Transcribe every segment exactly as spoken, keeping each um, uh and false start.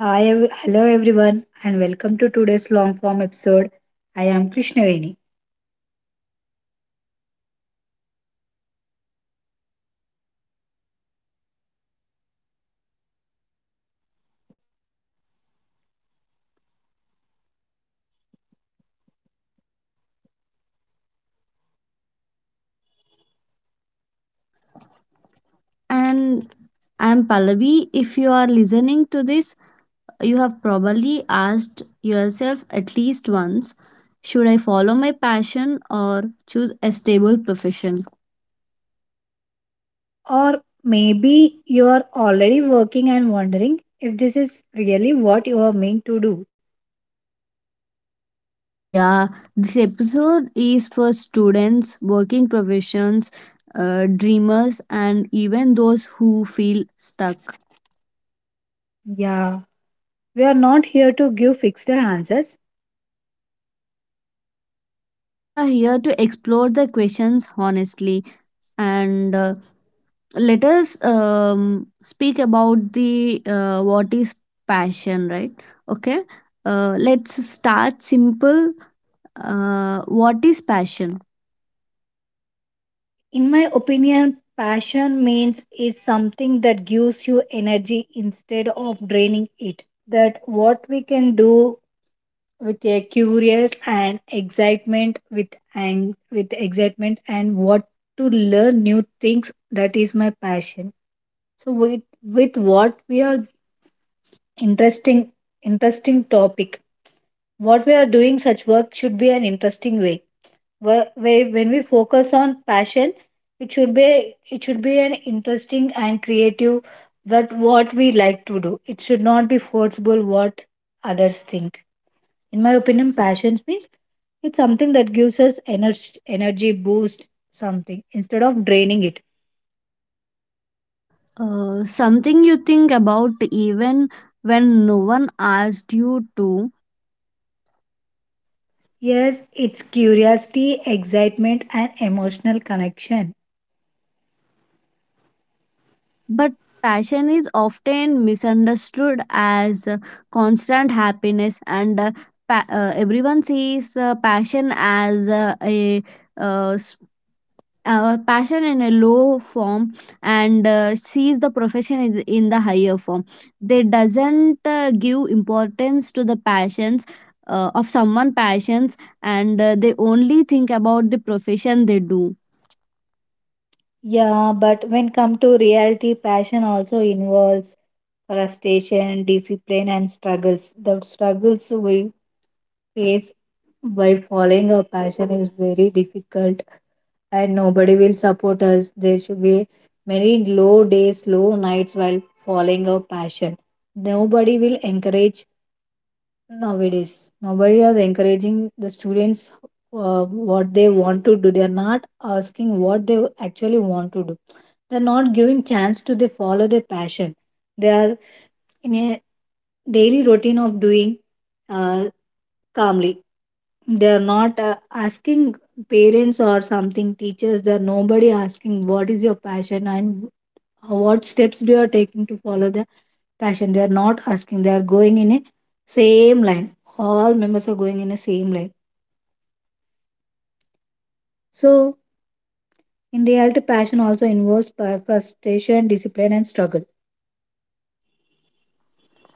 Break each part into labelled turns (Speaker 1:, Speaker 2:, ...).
Speaker 1: Hi, ev- hello everyone, and welcome to today's long form episode. I am Krishnaveni.
Speaker 2: And I'm Pallavi. If you are listening to this, you have probably asked yourself at least once, should I follow my passion or choose a stable profession?
Speaker 1: Or maybe you are already working and wondering if this is really what you are meant to do.
Speaker 2: Yeah, this episode is for students, working professions, uh, dreamers, and even those who feel stuck.
Speaker 1: Yeah, we are not here to give fixed answers.
Speaker 2: We are here to explore the questions honestly and uh, let us um, speak about the uh, what is passion, right? Okay, uh, let's start simple. Uh, what is passion?
Speaker 1: In my opinion, passion means is something that gives you energy instead of draining it. That what we can do with a curious and excitement with ang- with excitement and what to learn new things that is my passion so with with what we are interesting interesting topic what we are doing such work should be an interesting way where, where when we focus on passion it should be it should be an interesting and creative that what we like to do it should not be forcible what others think in my opinion, passions means it's something that gives us energy, energy boost, something instead of draining it.
Speaker 2: Uh, something you think about even when no one asked you to.
Speaker 1: Yes, it's curiosity, excitement, and emotional connection.
Speaker 2: But passion is often misunderstood as uh, constant happiness, and uh, pa- uh, everyone sees uh, passion as uh, a uh, our passion in a low form, and uh, sees the profession in in the higher form. They doesn't uh, give importance to the passions uh, of someone passions, and uh, they only think about the profession they do.
Speaker 1: Yeah, but when come to reality, passion also involves frustration, discipline, and struggles. The struggles we face by following our passion is very difficult and nobody will support us. There should be many low days, low nights while following our passion. Nobody will encourage nowadays. Nobody is encouraging the students uh, what they want to do. They are not asking what they actually want to do. They are not giving chance to they follow their passion. They are in a daily routine of doing uh, calmly they are not uh, asking parents or something teachers they are nobody asking what is your passion and what steps do you are taking to follow the passion they are not asking they are going in a same line all members are going in a same line so in reality passion also involves pa- frustration discipline and struggle.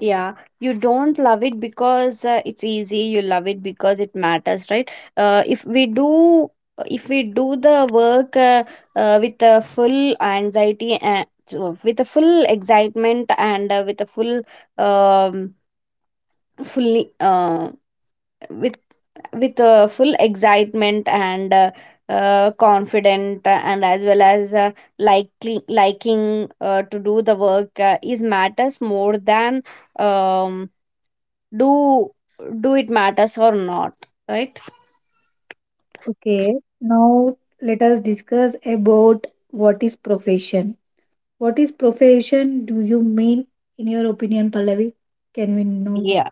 Speaker 2: Yeah, you don't love it because uh, it's easy. You love it because it matters, right? Uh, if we do, if we do the work uh, uh, with a full anxiety and so with a full excitement and uh, with a full, um, fully, uh, with with uh, full excitement and uh, uh, confident uh, and as well as uh, likely liking uh, to do the work uh, is matters more than um do do it matters or not, right?
Speaker 1: Okay, now let us discuss about what is profession. What is profession do you mean in your opinion, Pallavi? Can we know?
Speaker 2: Yeah.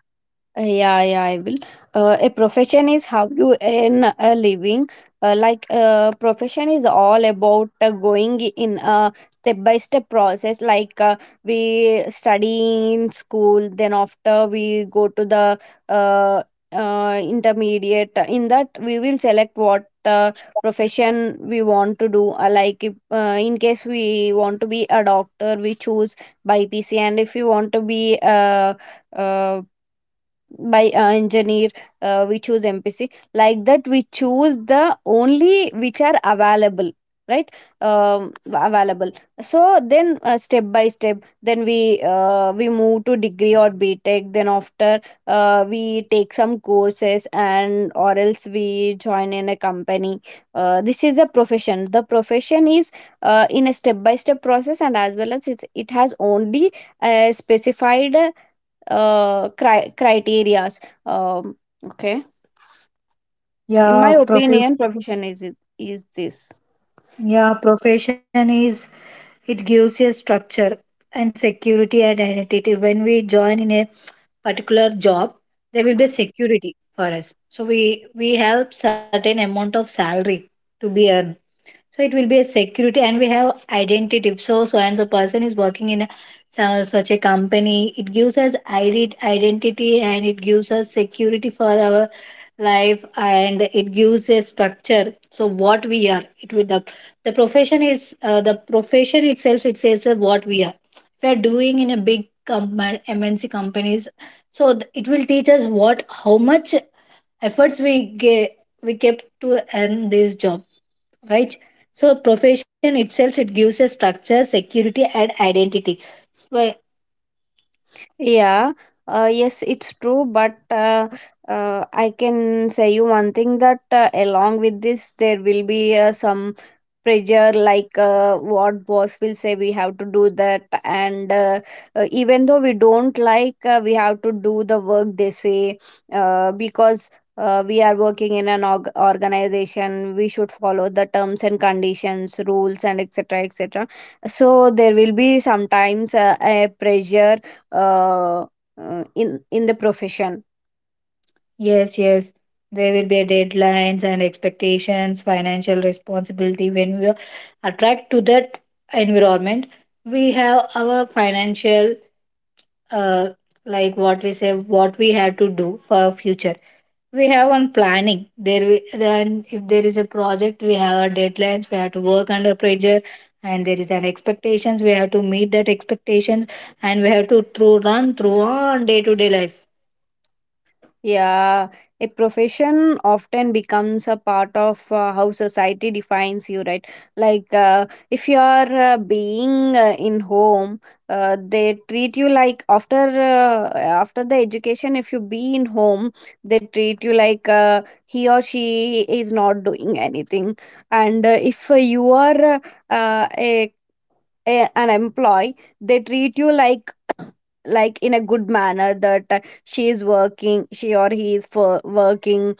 Speaker 2: Uh, Yeah, yeah, I will. Uh, a profession is how you earn a living. Uh, like uh, profession is all about uh, going in a step by step process. Like, uh, we study in school, then after we go to the uh, uh, intermediate. In that, we will select what uh, profession we want to do. Uh, like if, uh, in case we want to be a doctor, we choose by P C, and if we want to be uh, uh, by uh, engineer, uh, we choose mpc. Like that, we choose the only which are available, right? Um, available. So then, uh, step by step, then we uh, we move to degree or btech, then after uh, we take some courses, and or else we join in a company. Uh, this is a profession. The profession is uh, in a step by step process, and as well as it's, it has only a specified uh, cri- criterias. Um, okay, in my
Speaker 1: Yeah, profession.
Speaker 2: opinion, profession is it is this.
Speaker 1: Yeah, profession is it gives a structure and security and identity. When we join in a particular job, there will be security for us. So we we have certain amount of salary to be earned. So it will be a security, and we have identity. So so and so person is working in a, su- such a company. It gives us ide- identity and it gives us security for our life and it gives a structure so what we are it will the, the profession is uh, the profession itself it says uh, what we are if we are doing in a big com- mnc companies so th- it will teach us what how much efforts we gave we kept to earn this job, right? So profession itself it gives a structure security and identity so.
Speaker 2: Yeah, uh, yes, it's true, but uh, uh, I can say you one thing, that uh, along with this, there will be uh, some pressure, like uh, what boss will say, we have to do that, and uh, uh, even though we don't like, uh, we have to do the work they say uh, because. Uh, we are working in an org- organization. We should follow the terms and conditions, rules, and etc, etc. So there will be sometimes uh, a pressure uh, uh, in in the profession.
Speaker 1: Yes, yes. There will be deadlines and expectations, financial responsibility. When we are attract to that environment, we have our financial, uh, like what we say, what we have to do for our future. We have on planning. There, we, then if there is a project, we have our deadlines. We have to work under pressure, and there is an expectations. We have to meet that expectations, and we have to through run through on day to day life.
Speaker 2: Yeah, a profession often becomes a part of uh, how society defines you, right? Like, uh, if you are uh, being uh, in home, uh, they treat you like, after uh, after the education, if you be in home, they treat you like uh, he or she is not doing anything. And uh, if uh, you are uh, a, a an employee, they treat you like like in a good manner, that uh, she is working, she or he is for working,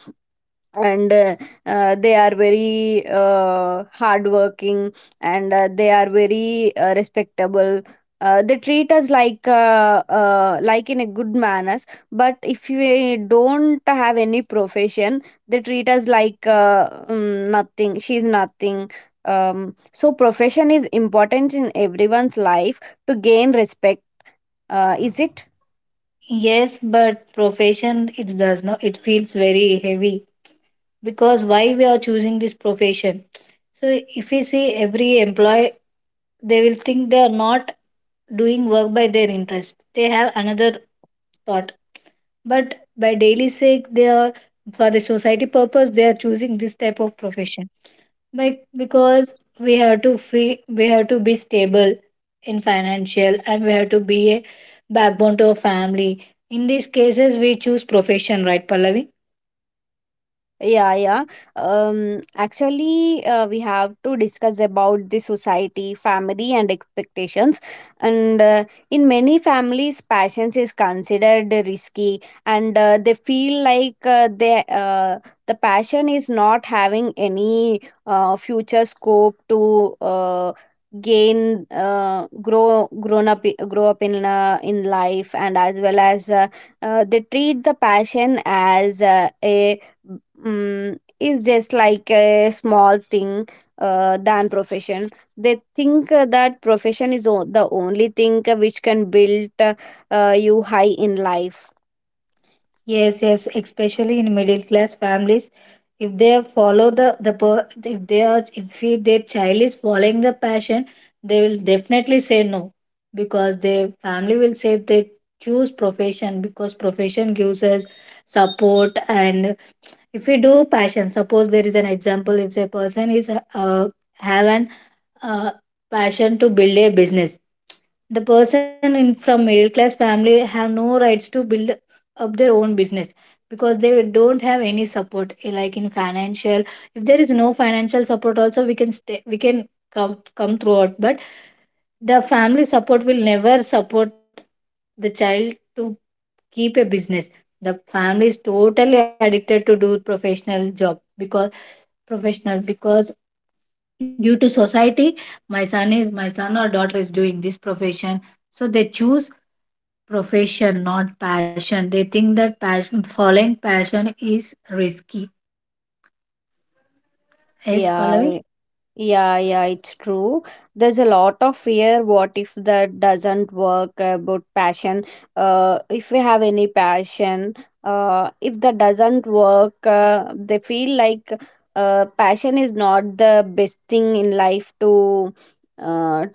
Speaker 2: and uh, uh, they are very uh, hardworking, and uh, they are very uh, respectable. Uh, they treat us like uh, uh, like in a good manners. But if we don't have any profession, they treat us like uh, um, nothing, she's nothing. Um, so profession is important in everyone's life to gain respect, uh, is it?
Speaker 1: Yes, but profession it does not it feels very heavy because why we are choosing this profession. So if we see every employee they will think they are not doing work by their interest. They have another thought but by daily sake they are for the society purpose they are choosing this type of profession. Bec- because we have to fee, we have to be stable in financial and we have to be a backbone to a family in these cases we choose profession, right, Pallavi?
Speaker 2: Yeah, yeah. Um, actually, uh, we have to discuss about the society, family, and expectations. And uh, in many families, passions is considered risky, and uh, they feel like uh, they uh, the passion is not having any uh, future scope to uh, gain uh, grow grown up grow up in uh, in life, and as well as uh, uh, they treat the passion as uh, a mm, is just like a small thing uh, than profession. They think uh, that profession is o- the only thing uh, which can build uh, uh, you high in life.
Speaker 1: Yes, yes, especially in middle class families, if they follow the the per- if they are if he- their child is following the passion, they will definitely say no because their family will say they choose profession because profession gives us support and if we do passion, suppose there is an example if a person is uh, have an uh, passion to build a business. The person in from middle class family have no rights to build up their own business because they don't have any support eh, like in financial. If there is no financial support also we can stay we can come come throughout but the family support will never support the child to keep a business the family is totally addicted to do professional job because professional because. Due to society, my son is my son or daughter is doing this profession. So they choose profession, not passion. They think that passion following passion is risky. Yes,
Speaker 2: Yeah.
Speaker 1: Pallavi?
Speaker 2: Yeah, yeah, it's true. There's a lot of fear. What if that doesn't work about passion? Uh, if we have any passion, uh, if that doesn't work, uh, they feel like uh, passion is not the best thing in life to uh,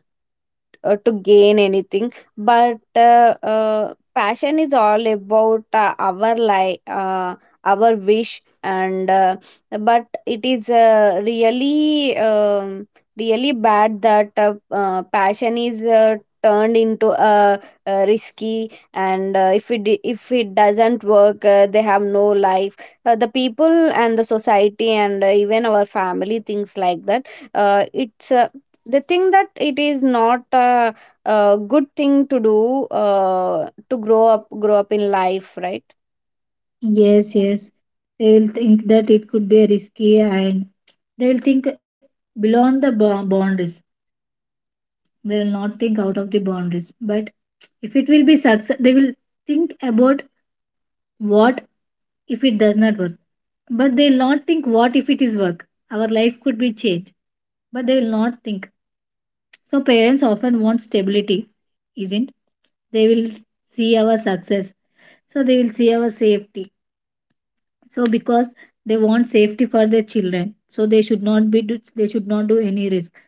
Speaker 2: uh, to gain anything. But uh, uh, passion is all about uh, our life, uh, our wish, and uh, but it is uh, really um, really bad that uh, uh, passion is uh, turned into a, uh risky, and uh, if it if it doesn't work, uh, they have no life. Uh, the people and the society and uh, even our family things like that. Uh, it's uh, They think that it is not a, a good thing to do uh, to grow up grow up in life, right?
Speaker 1: Yes, yes. They'll think that it could be risky and they'll think beyond the bo- boundaries. They will not think out of the boundaries. But if it will be success, they will think about what if it does not work? But they will not think, what if it is work? Our life could be changed. But they will not think. So parents often want stability, isn't? They will see our success. So they will see our safety. So because they want safety for their children, so they should not be do- they should not do any risk.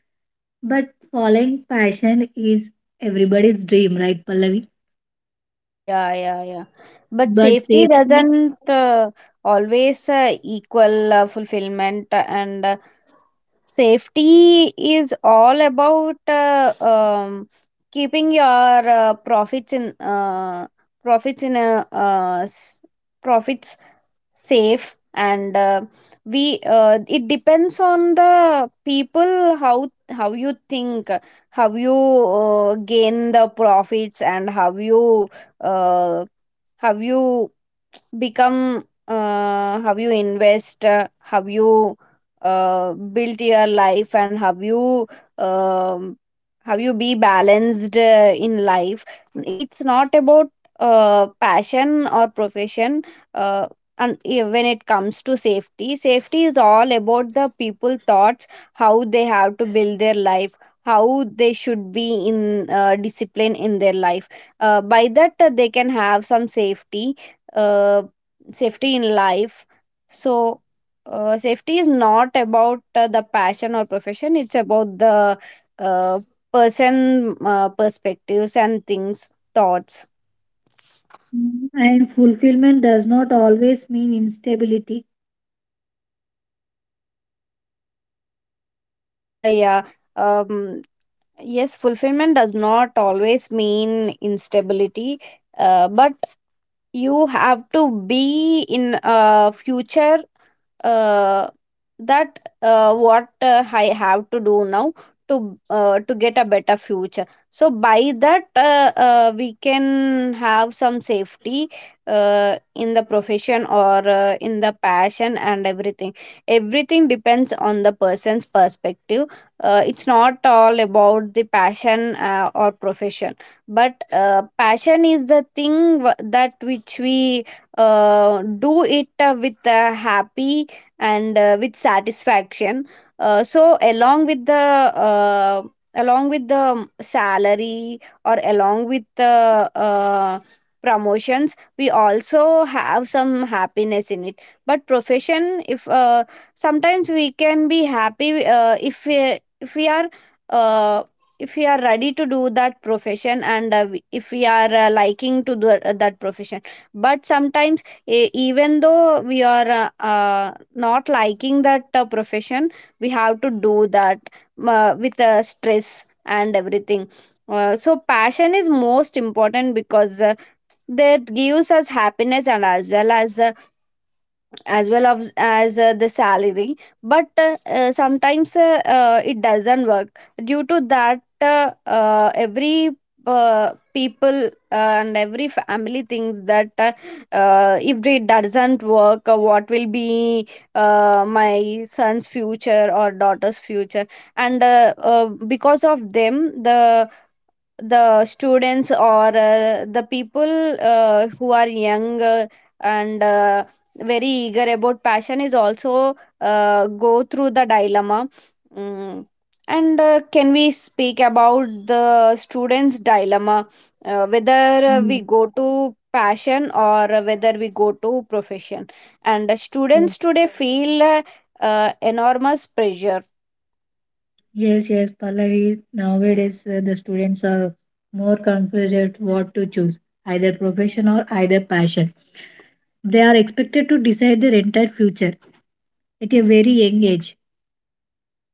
Speaker 1: But following passion is everybody's dream, right, Pallavi?
Speaker 2: Yeah, yeah, yeah. But
Speaker 1: But
Speaker 2: safety
Speaker 1: safety
Speaker 2: doesn't uh, always uh, equal uh, fulfillment, and uh, safety is all about uh, um, keeping your uh, profits in uh, profits in a uh, s- profits safe, and uh, we uh, it depends on the people, how how you think, how you uh, gain the profits, and how you uh, how you become uh, how you invest, uh, how you uh, built your life, and how you um how you be balanced uh, in life. It's not about uh, passion or profession, uh, and eh, when it comes to safety, safety is all about the people thoughts, how they have to build their life, how they should be in uh, discipline in their life. Uh, by that, uh, they can have some safety, uh, safety in life. So uh, safety is not about uh, the passion or profession. It's about the uh, person uh, perspectives and things, thoughts.
Speaker 1: and fulfillment does not always mean instability.
Speaker 2: Yeah, yeah, um yes, fulfillment does not always mean instability. Uh, but you have to be in a future uh, that uh, what uh, I have to do now to uh, to get a better future. So by that, uh, uh, we can have some safety uh, in the profession or uh, in the passion, and everything, everything depends on the person's perspective. Uh, it's not all about the passion uh, or profession. But uh, passion is the thing wh- that which we uh, do it uh, with uh, happy and uh, with satisfaction. Uh, so along with the uh, along with the salary, or along with the uh, promotions, we also have some happiness in it. But profession, if uh, sometimes we can be happy uh, if we, if we are uh, if we are ready to do that profession, and uh, we- if we are uh, liking to do uh, that profession. But sometimes, e- even though we are uh, uh, not liking that uh, profession, we have to do that uh, with uh, stress and everything. Uh, so passion is most important, because uh, that gives us happiness, and as well as uh, as well of, as uh, the salary. But uh, uh, sometimes uh, uh, it doesn't work. Due to that, uh, uh, every uh, people, uh, and every family thinks that uh, uh, if it doesn't work, uh, what will be uh, my son's future or daughter's future. And uh, uh, because of them, the the students or uh, the people uh, who are young uh, and uh, very eager about passion is also uh, go through the dilemma. Mm, and uh, can we speak about the students dilemma, uh, whether uh, we
Speaker 1: Mm,
Speaker 2: go to passion or whether we go to profession. And uh,
Speaker 1: yes.
Speaker 2: students today feel uh, uh, enormous pressure.
Speaker 1: Yes, yes, Pallavi. Nowadays, uh, the students are more confused at what to choose, either profession or either passion. They are expected to decide their entire future at a very young age.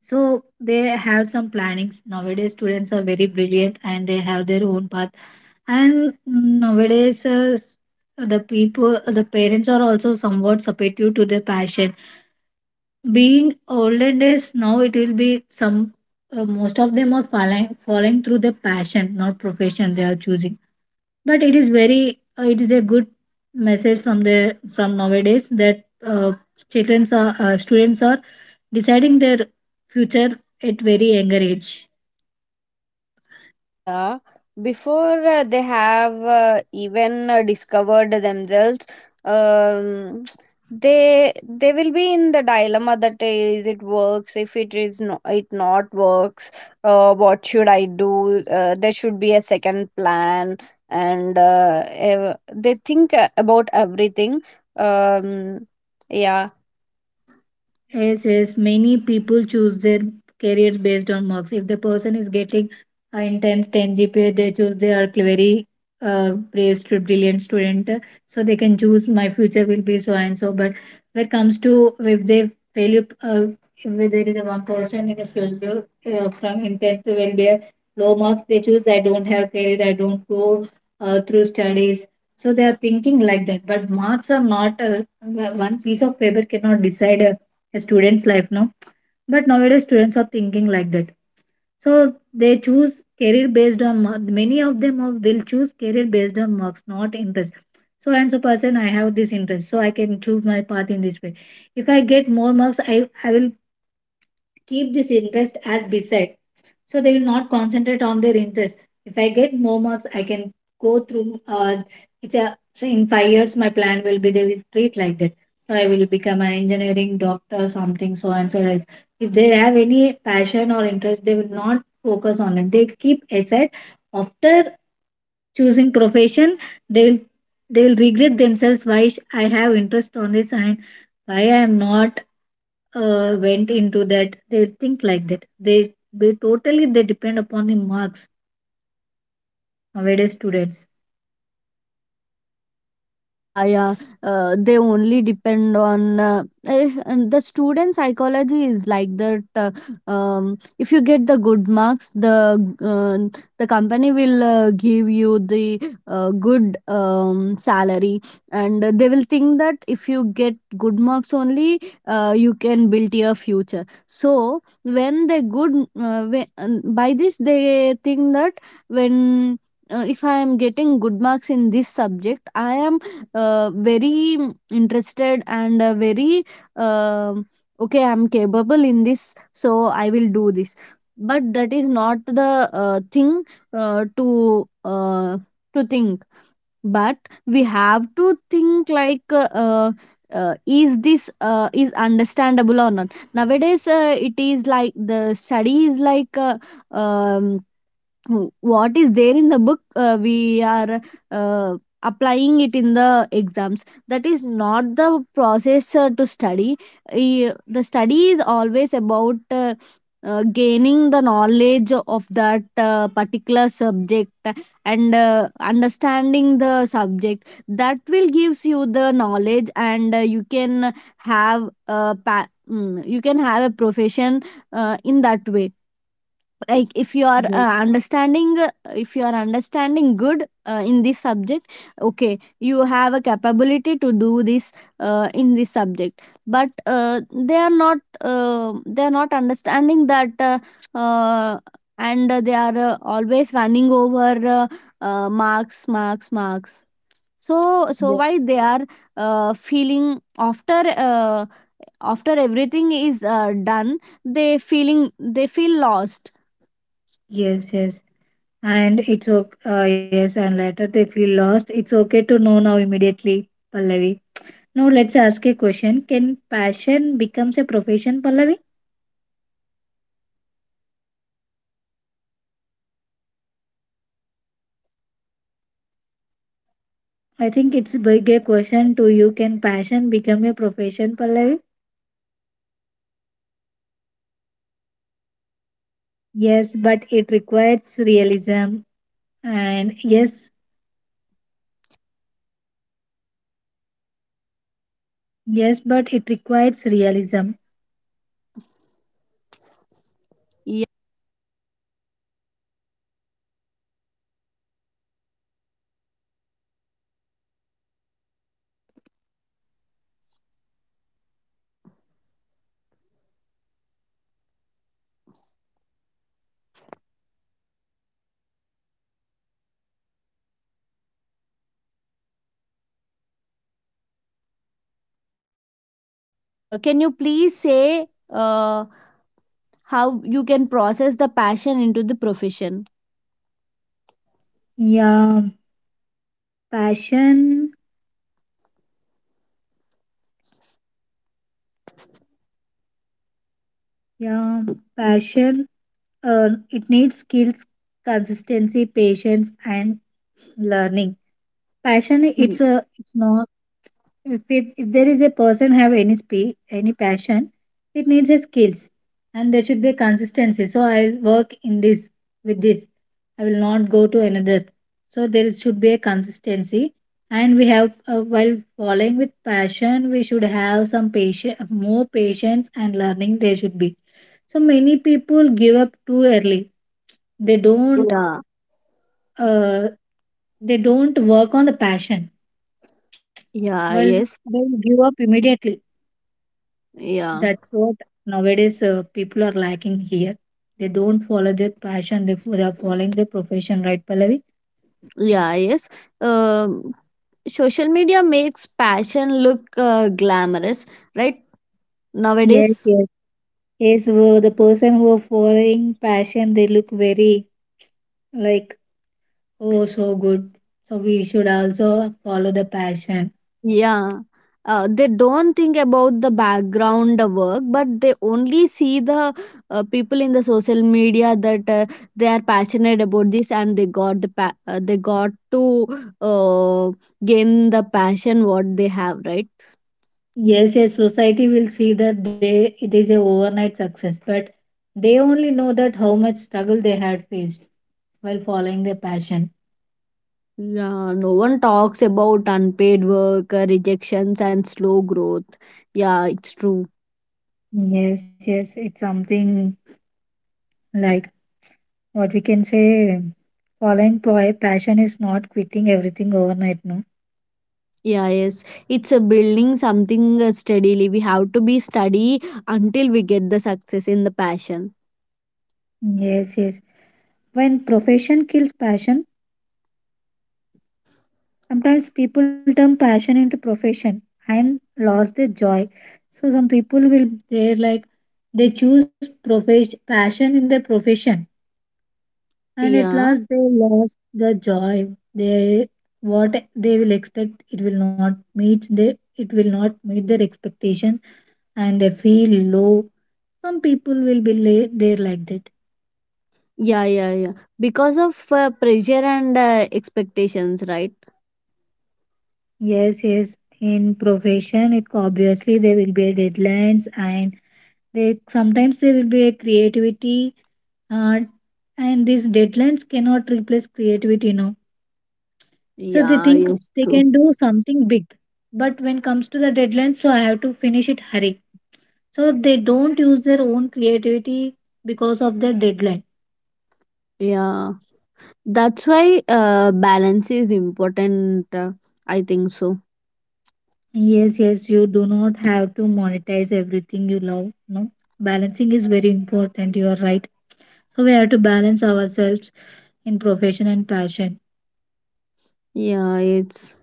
Speaker 1: So they have some plannings. Nowadays, students are very brilliant and they have their own path. And nowadays, uh, the people, the parents are also somewhat supportive to their passion being olden days now it will be some uh, most of them are falling falling through the passion not profession they are choosing but it is very uh, it is a good message from the from nowadays that uh, children are uh, students are deciding their future at very younger age.
Speaker 2: Yeah, before uh, they have uh, even uh, discovered themselves, um, they they will be in the dilemma that uh, is it works, if it is no, it not works. Uh, what should I do? Uh, there should be a second plan, and uh, ev- they think uh, about everything. Um, yeah.
Speaker 1: Yes, yes. Many people choose their careers based on marks. If the person is getting uh, in tenth ten G P A, they choose they are very uh, brave, stu- brilliant student. uh, So they can choose my future will be so and so. But when it comes to if they fail, uh, if there is a one person in the future uh, from in tenth will be a low marks, they choose I don't have career, I don't go uh, through studies. So they are thinking like that. But marks are not uh, one piece of paper cannot decide uh, a student's life now but nowadays students are thinking like that so they choose career based on mar- many of them are- they'll choose career based on marks not interest so and so person I have this interest so I can choose my path in this way if I get more marks i i will keep this interest as beside so they will not concentrate on their interest if I get more marks I can go through uh, it's a, so in five years my plan will be they will treat like that so I will become an engineering doctor something so and so else if they have any passion or interest they will not focus on it they keep aside after choosing profession they will they will regret themselves why sh- I have interest on this and why I am not uh, went into that they think like that they they totally they depend upon the marks nowadays students.
Speaker 2: Yeah, yeah. Uh, they only depend on uh, eh, and the student psychology is like that. Uh, um, if you get the good marks, the uh, the company will uh, give you the uh, good um, salary, and they will think that if you get good marks only, uh, you can build your future. So when they good, uh, when, and by this they think that when uh, if I am getting good marks in this subject, I am uh, very mm, interested and uh, very uh, okay, I'm capable in this, so I will do this. But that is not the uh, thing uh, to uh, to think. But we have to think like uh, uh, uh, is this uh, is understandable or not. Nowadays uh, it is like the study is like uh, um, w- what is there in the book uh, we are uh, applying it in the exams. That is not the process uh, to study. Eh, the study is always about uh, uh, gaining the knowledge of that uh, particular subject, and uh, understanding the subject that will gives you the knowledge, and uh, you can have a pa- mm, you can have a profession uh, in that way. Like, if you
Speaker 1: Yes,
Speaker 2: are uh, understanding uh, if you are understanding good uh, in this subject, okay, you have a capability to do this uh, in this subject. But uh, they are not uh, they are not understanding that. uh, uh, and they are uh, always running over uh, uh, marks, marks, marks. So so
Speaker 1: yes,
Speaker 2: why they are uh, feeling after uh, after everything is uh, done, they feeling they feel lost.
Speaker 1: yes. Yes. And it's okay. Uh, yes, and later they feel lost. It's okay to know now immediately, Pallavi. Now let's ask a question. Can passion becomes a profession, Pallavi? I think it's big a question to you. Can passion become a profession, Pallavi? Yes, but it requires realism. And yes, yes, but it requires realism.
Speaker 2: Uh, can you please say uh, how you can process the passion into the profession?
Speaker 1: Yeah, passion. Yeah, passion. Uh, it needs skills, consistency, patience, and learning. Passion. It's a. It's not. If, it, if there is a person have any spe- any passion, it needs a skills, and there should be a consistency. So I will work in this with this. I will not go to another. So there is- should be a consistency, and we have uh, while following with passion, we should have some patience, more patience and learning. There should be. So many people give up too early. They don't.
Speaker 2: Yeah,
Speaker 1: Uh, they don't work on the passion.
Speaker 2: yeah,
Speaker 1: Well, they
Speaker 2: yes,
Speaker 1: give up immediately.
Speaker 2: yeah,
Speaker 1: That's what nowadays uh, people are lacking here. They don't follow their passion, they, fo- they are following their profession, right, Pallavi?
Speaker 2: yeah, yes. Um, Social media makes passion look uh, glamorous, right?
Speaker 1: Yes,
Speaker 2: Nowadays.
Speaker 1: yes. Yes, well, the person who are following passion, they look very like, oh, so good. So we should also follow the passion.
Speaker 2: Yeah. Uh, they don't think about the background uh, work, but they only see the uh, people in the social media that uh, they are passionate about this, and they got the pa- uh, they got to uh, gain the passion what they have, right?
Speaker 1: Yes, yes, society will see that they it is a overnight success, but they only know that how much struggle they had faced while following their passion.
Speaker 2: Yeah, no one talks about unpaid work, uh, rejections, and slow growth. Yeah, it's true.
Speaker 1: Yes, yes, it's something like, what we can say, following pa- passion is not quitting everything overnight, no?
Speaker 2: Yeah, yes, it's a building something uh, steadily. We have to be steady until we get the success in the passion.
Speaker 1: Yes, yes. When profession kills passion, sometimes people turn passion into profession and lost their joy. So some people will they're like they choose profession passion in their profession and at
Speaker 2: Yeah,
Speaker 1: last they lost the joy. They, what they will expect, it will not meet their it will not meet their expectations, and they feel low. Some people will be la- there like that.
Speaker 2: yeah, yeah, yeah. Because of uh, pressure and uh, expectations, right?
Speaker 1: Yes, yes. In profession, it obviously there will be a deadlines, and they sometimes there will be a creativity, uh, and these deadlines cannot replace creativity now. So they
Speaker 2: Yeah,
Speaker 1: think
Speaker 2: yes,
Speaker 1: they
Speaker 2: true.
Speaker 1: can do something big, but when comes to the deadline, so I have to finish it hurry. So they don't use their own creativity because of their deadline.
Speaker 2: Yeah, that's why uh, balance is important. Uh, I think so.
Speaker 1: Yes, yes, you do not have to monetize everything you love. No, balancing is very important. You are right. So we have to balance ourselves in profession and passion.
Speaker 2: Yeah, it's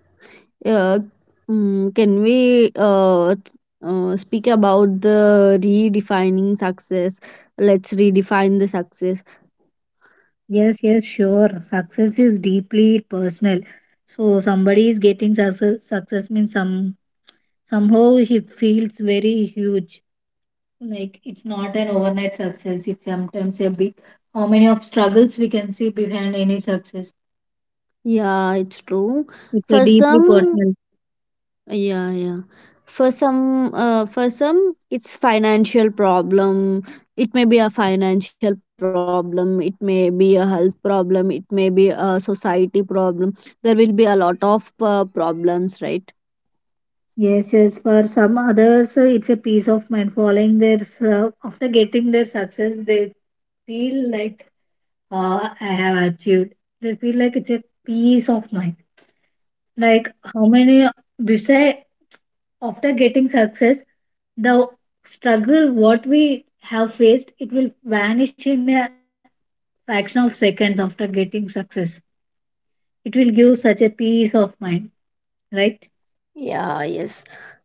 Speaker 2: yeah. Mm, can we uh, t- uh speak about the redefining success? Let's redefine the success.
Speaker 1: Yes, yes, sure. Success is deeply personal. So somebody is getting success. Success means some somehow he feels very huge. Like it's not an overnight success. It's sometimes a big. How many of struggles we can see behind any success?
Speaker 2: Yeah, it's true.
Speaker 1: It's a
Speaker 2: For
Speaker 1: deeply
Speaker 2: some,
Speaker 1: personal.
Speaker 2: yeah, yeah. For some, uh, for some, it's financial problem. It may be a financial problem. It may be a health problem. It may be a society problem. There will be a lot of uh, problems, right?
Speaker 1: Yes, yes. For some others, uh, it's a peace of mind. Following their uh, after getting their success, they feel like, uh, I have achieved. They feel like it's a peace of mind. Like how many beside after getting success, the struggle what we have faced, it will vanish in a fraction of seconds after getting success. It will give such a peace of mind, right?
Speaker 2: Yeah, yes.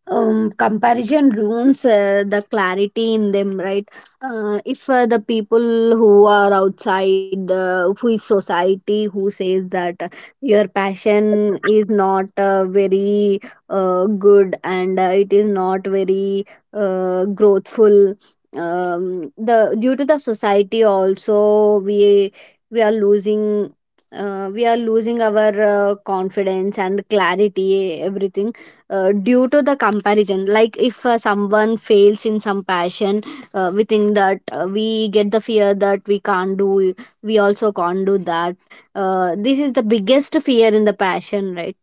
Speaker 2: Um, comparison ruins uh, the clarity in them, right? Uh, if uh, the people who are outside, uh, who is society, who says that uh, your passion is not uh, very uh, good, and uh, it is not very uh, growthful, um, the due to the society also we we are losing, uh, we are losing our uh, confidence and clarity everything uh, due to the comparison. Like, if uh, someone fails in some passion, uh, we think that uh, we get the fear that we can't do we also can't do that. Uh, this is the biggest fear in the passion, right?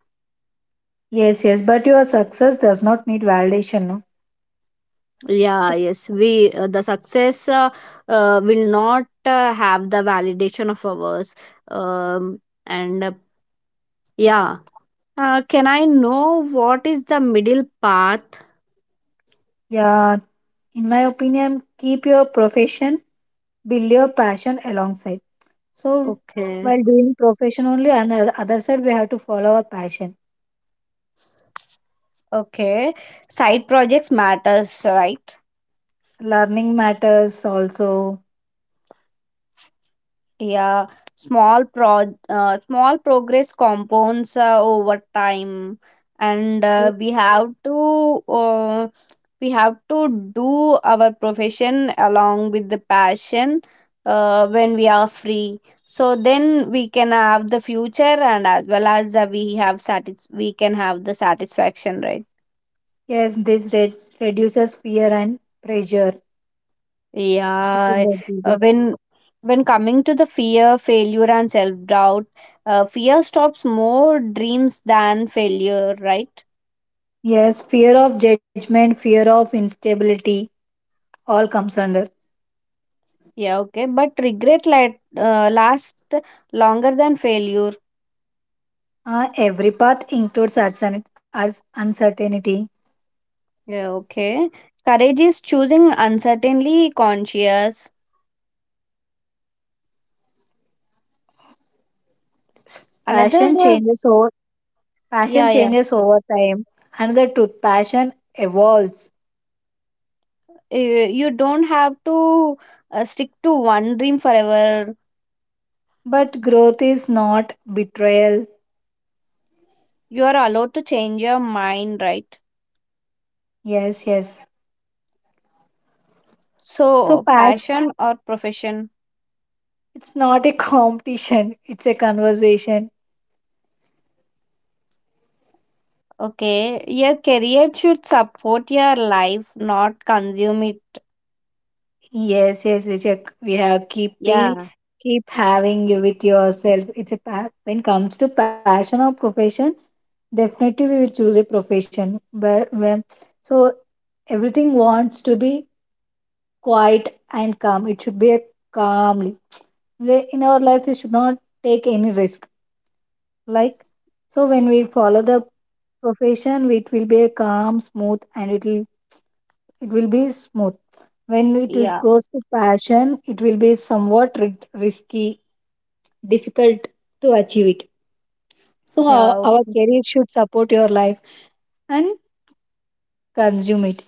Speaker 1: Yes, yes, but your success does not need validation. No?
Speaker 2: Yeah,
Speaker 1: So,
Speaker 2: yes, we uh, the success uh, uh, will not uh, have the validation of ours. Um, and uh, Yeah. Uh, can I know what is the middle path?
Speaker 1: yeah, in my opinion, keep your profession, build your passion alongside. So
Speaker 2: Okay.
Speaker 1: while doing profession only, and the other side we have to follow our passion.
Speaker 2: Okay, side projects matters, right?
Speaker 1: Learning matters also.
Speaker 2: Yeah, small pro uh, small progress compounds uh, over time, and uh, we have to uh, we have to do our profession along with the passion uh, when we are free. So then we can have the future, and as well as uh, we have satis we can have the satisfaction, right?
Speaker 1: Yes, this re- reduces fear and pressure. It
Speaker 2: Yeah,
Speaker 1: will
Speaker 2: uh,
Speaker 1: reduces.
Speaker 2: when when coming to the fear, failure, and self-doubt, uh, fear stops more dreams than failure, right?
Speaker 1: Yes, fear of judgment, fear of instability, all comes under.
Speaker 2: Yeah, okay. But regret la- uh, lasts longer than failure.
Speaker 1: Uh, every path includes uncertain- uncertainty.
Speaker 2: Yeah, okay. Courage is choosing uncertainly conscious. Another,
Speaker 1: Passion
Speaker 2: uh,
Speaker 1: changes over Passion
Speaker 2: yeah, yeah.
Speaker 1: changes over time. Another truth, passion evolves,
Speaker 2: You, you don't have to uh, stick to one dream forever.
Speaker 1: but growth is not betrayal.
Speaker 2: You are allowed to change your mind, right?
Speaker 1: Yes, yes. So,
Speaker 2: So,
Speaker 1: passion,
Speaker 2: passion or profession?
Speaker 1: it's not a competition, it's a conversation.
Speaker 2: Okay, your career should support your life, not consume it.
Speaker 1: Yes, yes, it's a, we have keeping
Speaker 2: Yeah,
Speaker 1: keep having you with yourself. It's a pa- when it comes to passion or profession, definitely we will choose a profession. But when so everything wants to be quiet and calm. It should be a calmly. Where in our life, we should not take any risk. Like so, when we follow the profession, it will be a calm, smooth, and it will it will be smooth. When it will
Speaker 2: yeah,
Speaker 1: goes to passion, it will be somewhat ri- risky, difficult to achieve it. So our,
Speaker 2: yeah.
Speaker 1: our
Speaker 2: Okay.
Speaker 1: career should support your life and consume it.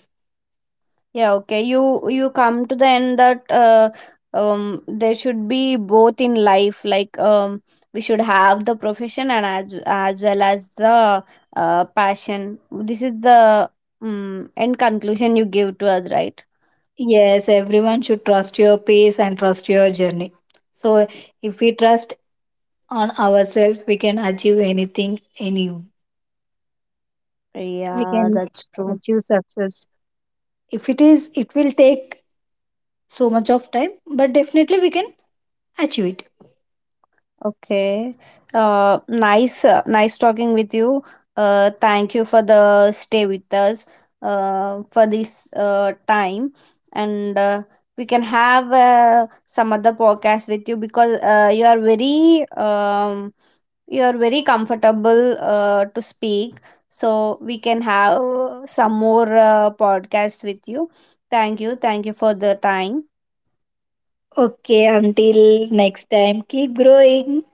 Speaker 2: Yeah, okay. You you come to the end that uh, um there should be both in life. Like, um we should have the profession and as as well as the uh passion. This is the um end conclusion you give to us, right?
Speaker 1: Yes, everyone should trust your pace and trust your journey. So if we trust on ourselves we can achieve anything any we
Speaker 2: Yeah,
Speaker 1: can
Speaker 2: that's true.
Speaker 1: achieve success, if it is it will take so much of time, but definitely we can achieve it.
Speaker 2: Okay. Uh, nice, uh, nice talking with you. Uh, thank you for the stay with us. Uh, for this uh time, and uh, we can have uh, some other podcast with you, because uh, you are very um you are very comfortable uh, to speak. So we can have some more uh, podcasts with you. Thank you, thank you for the time.
Speaker 1: Okay, until next time, keep growing.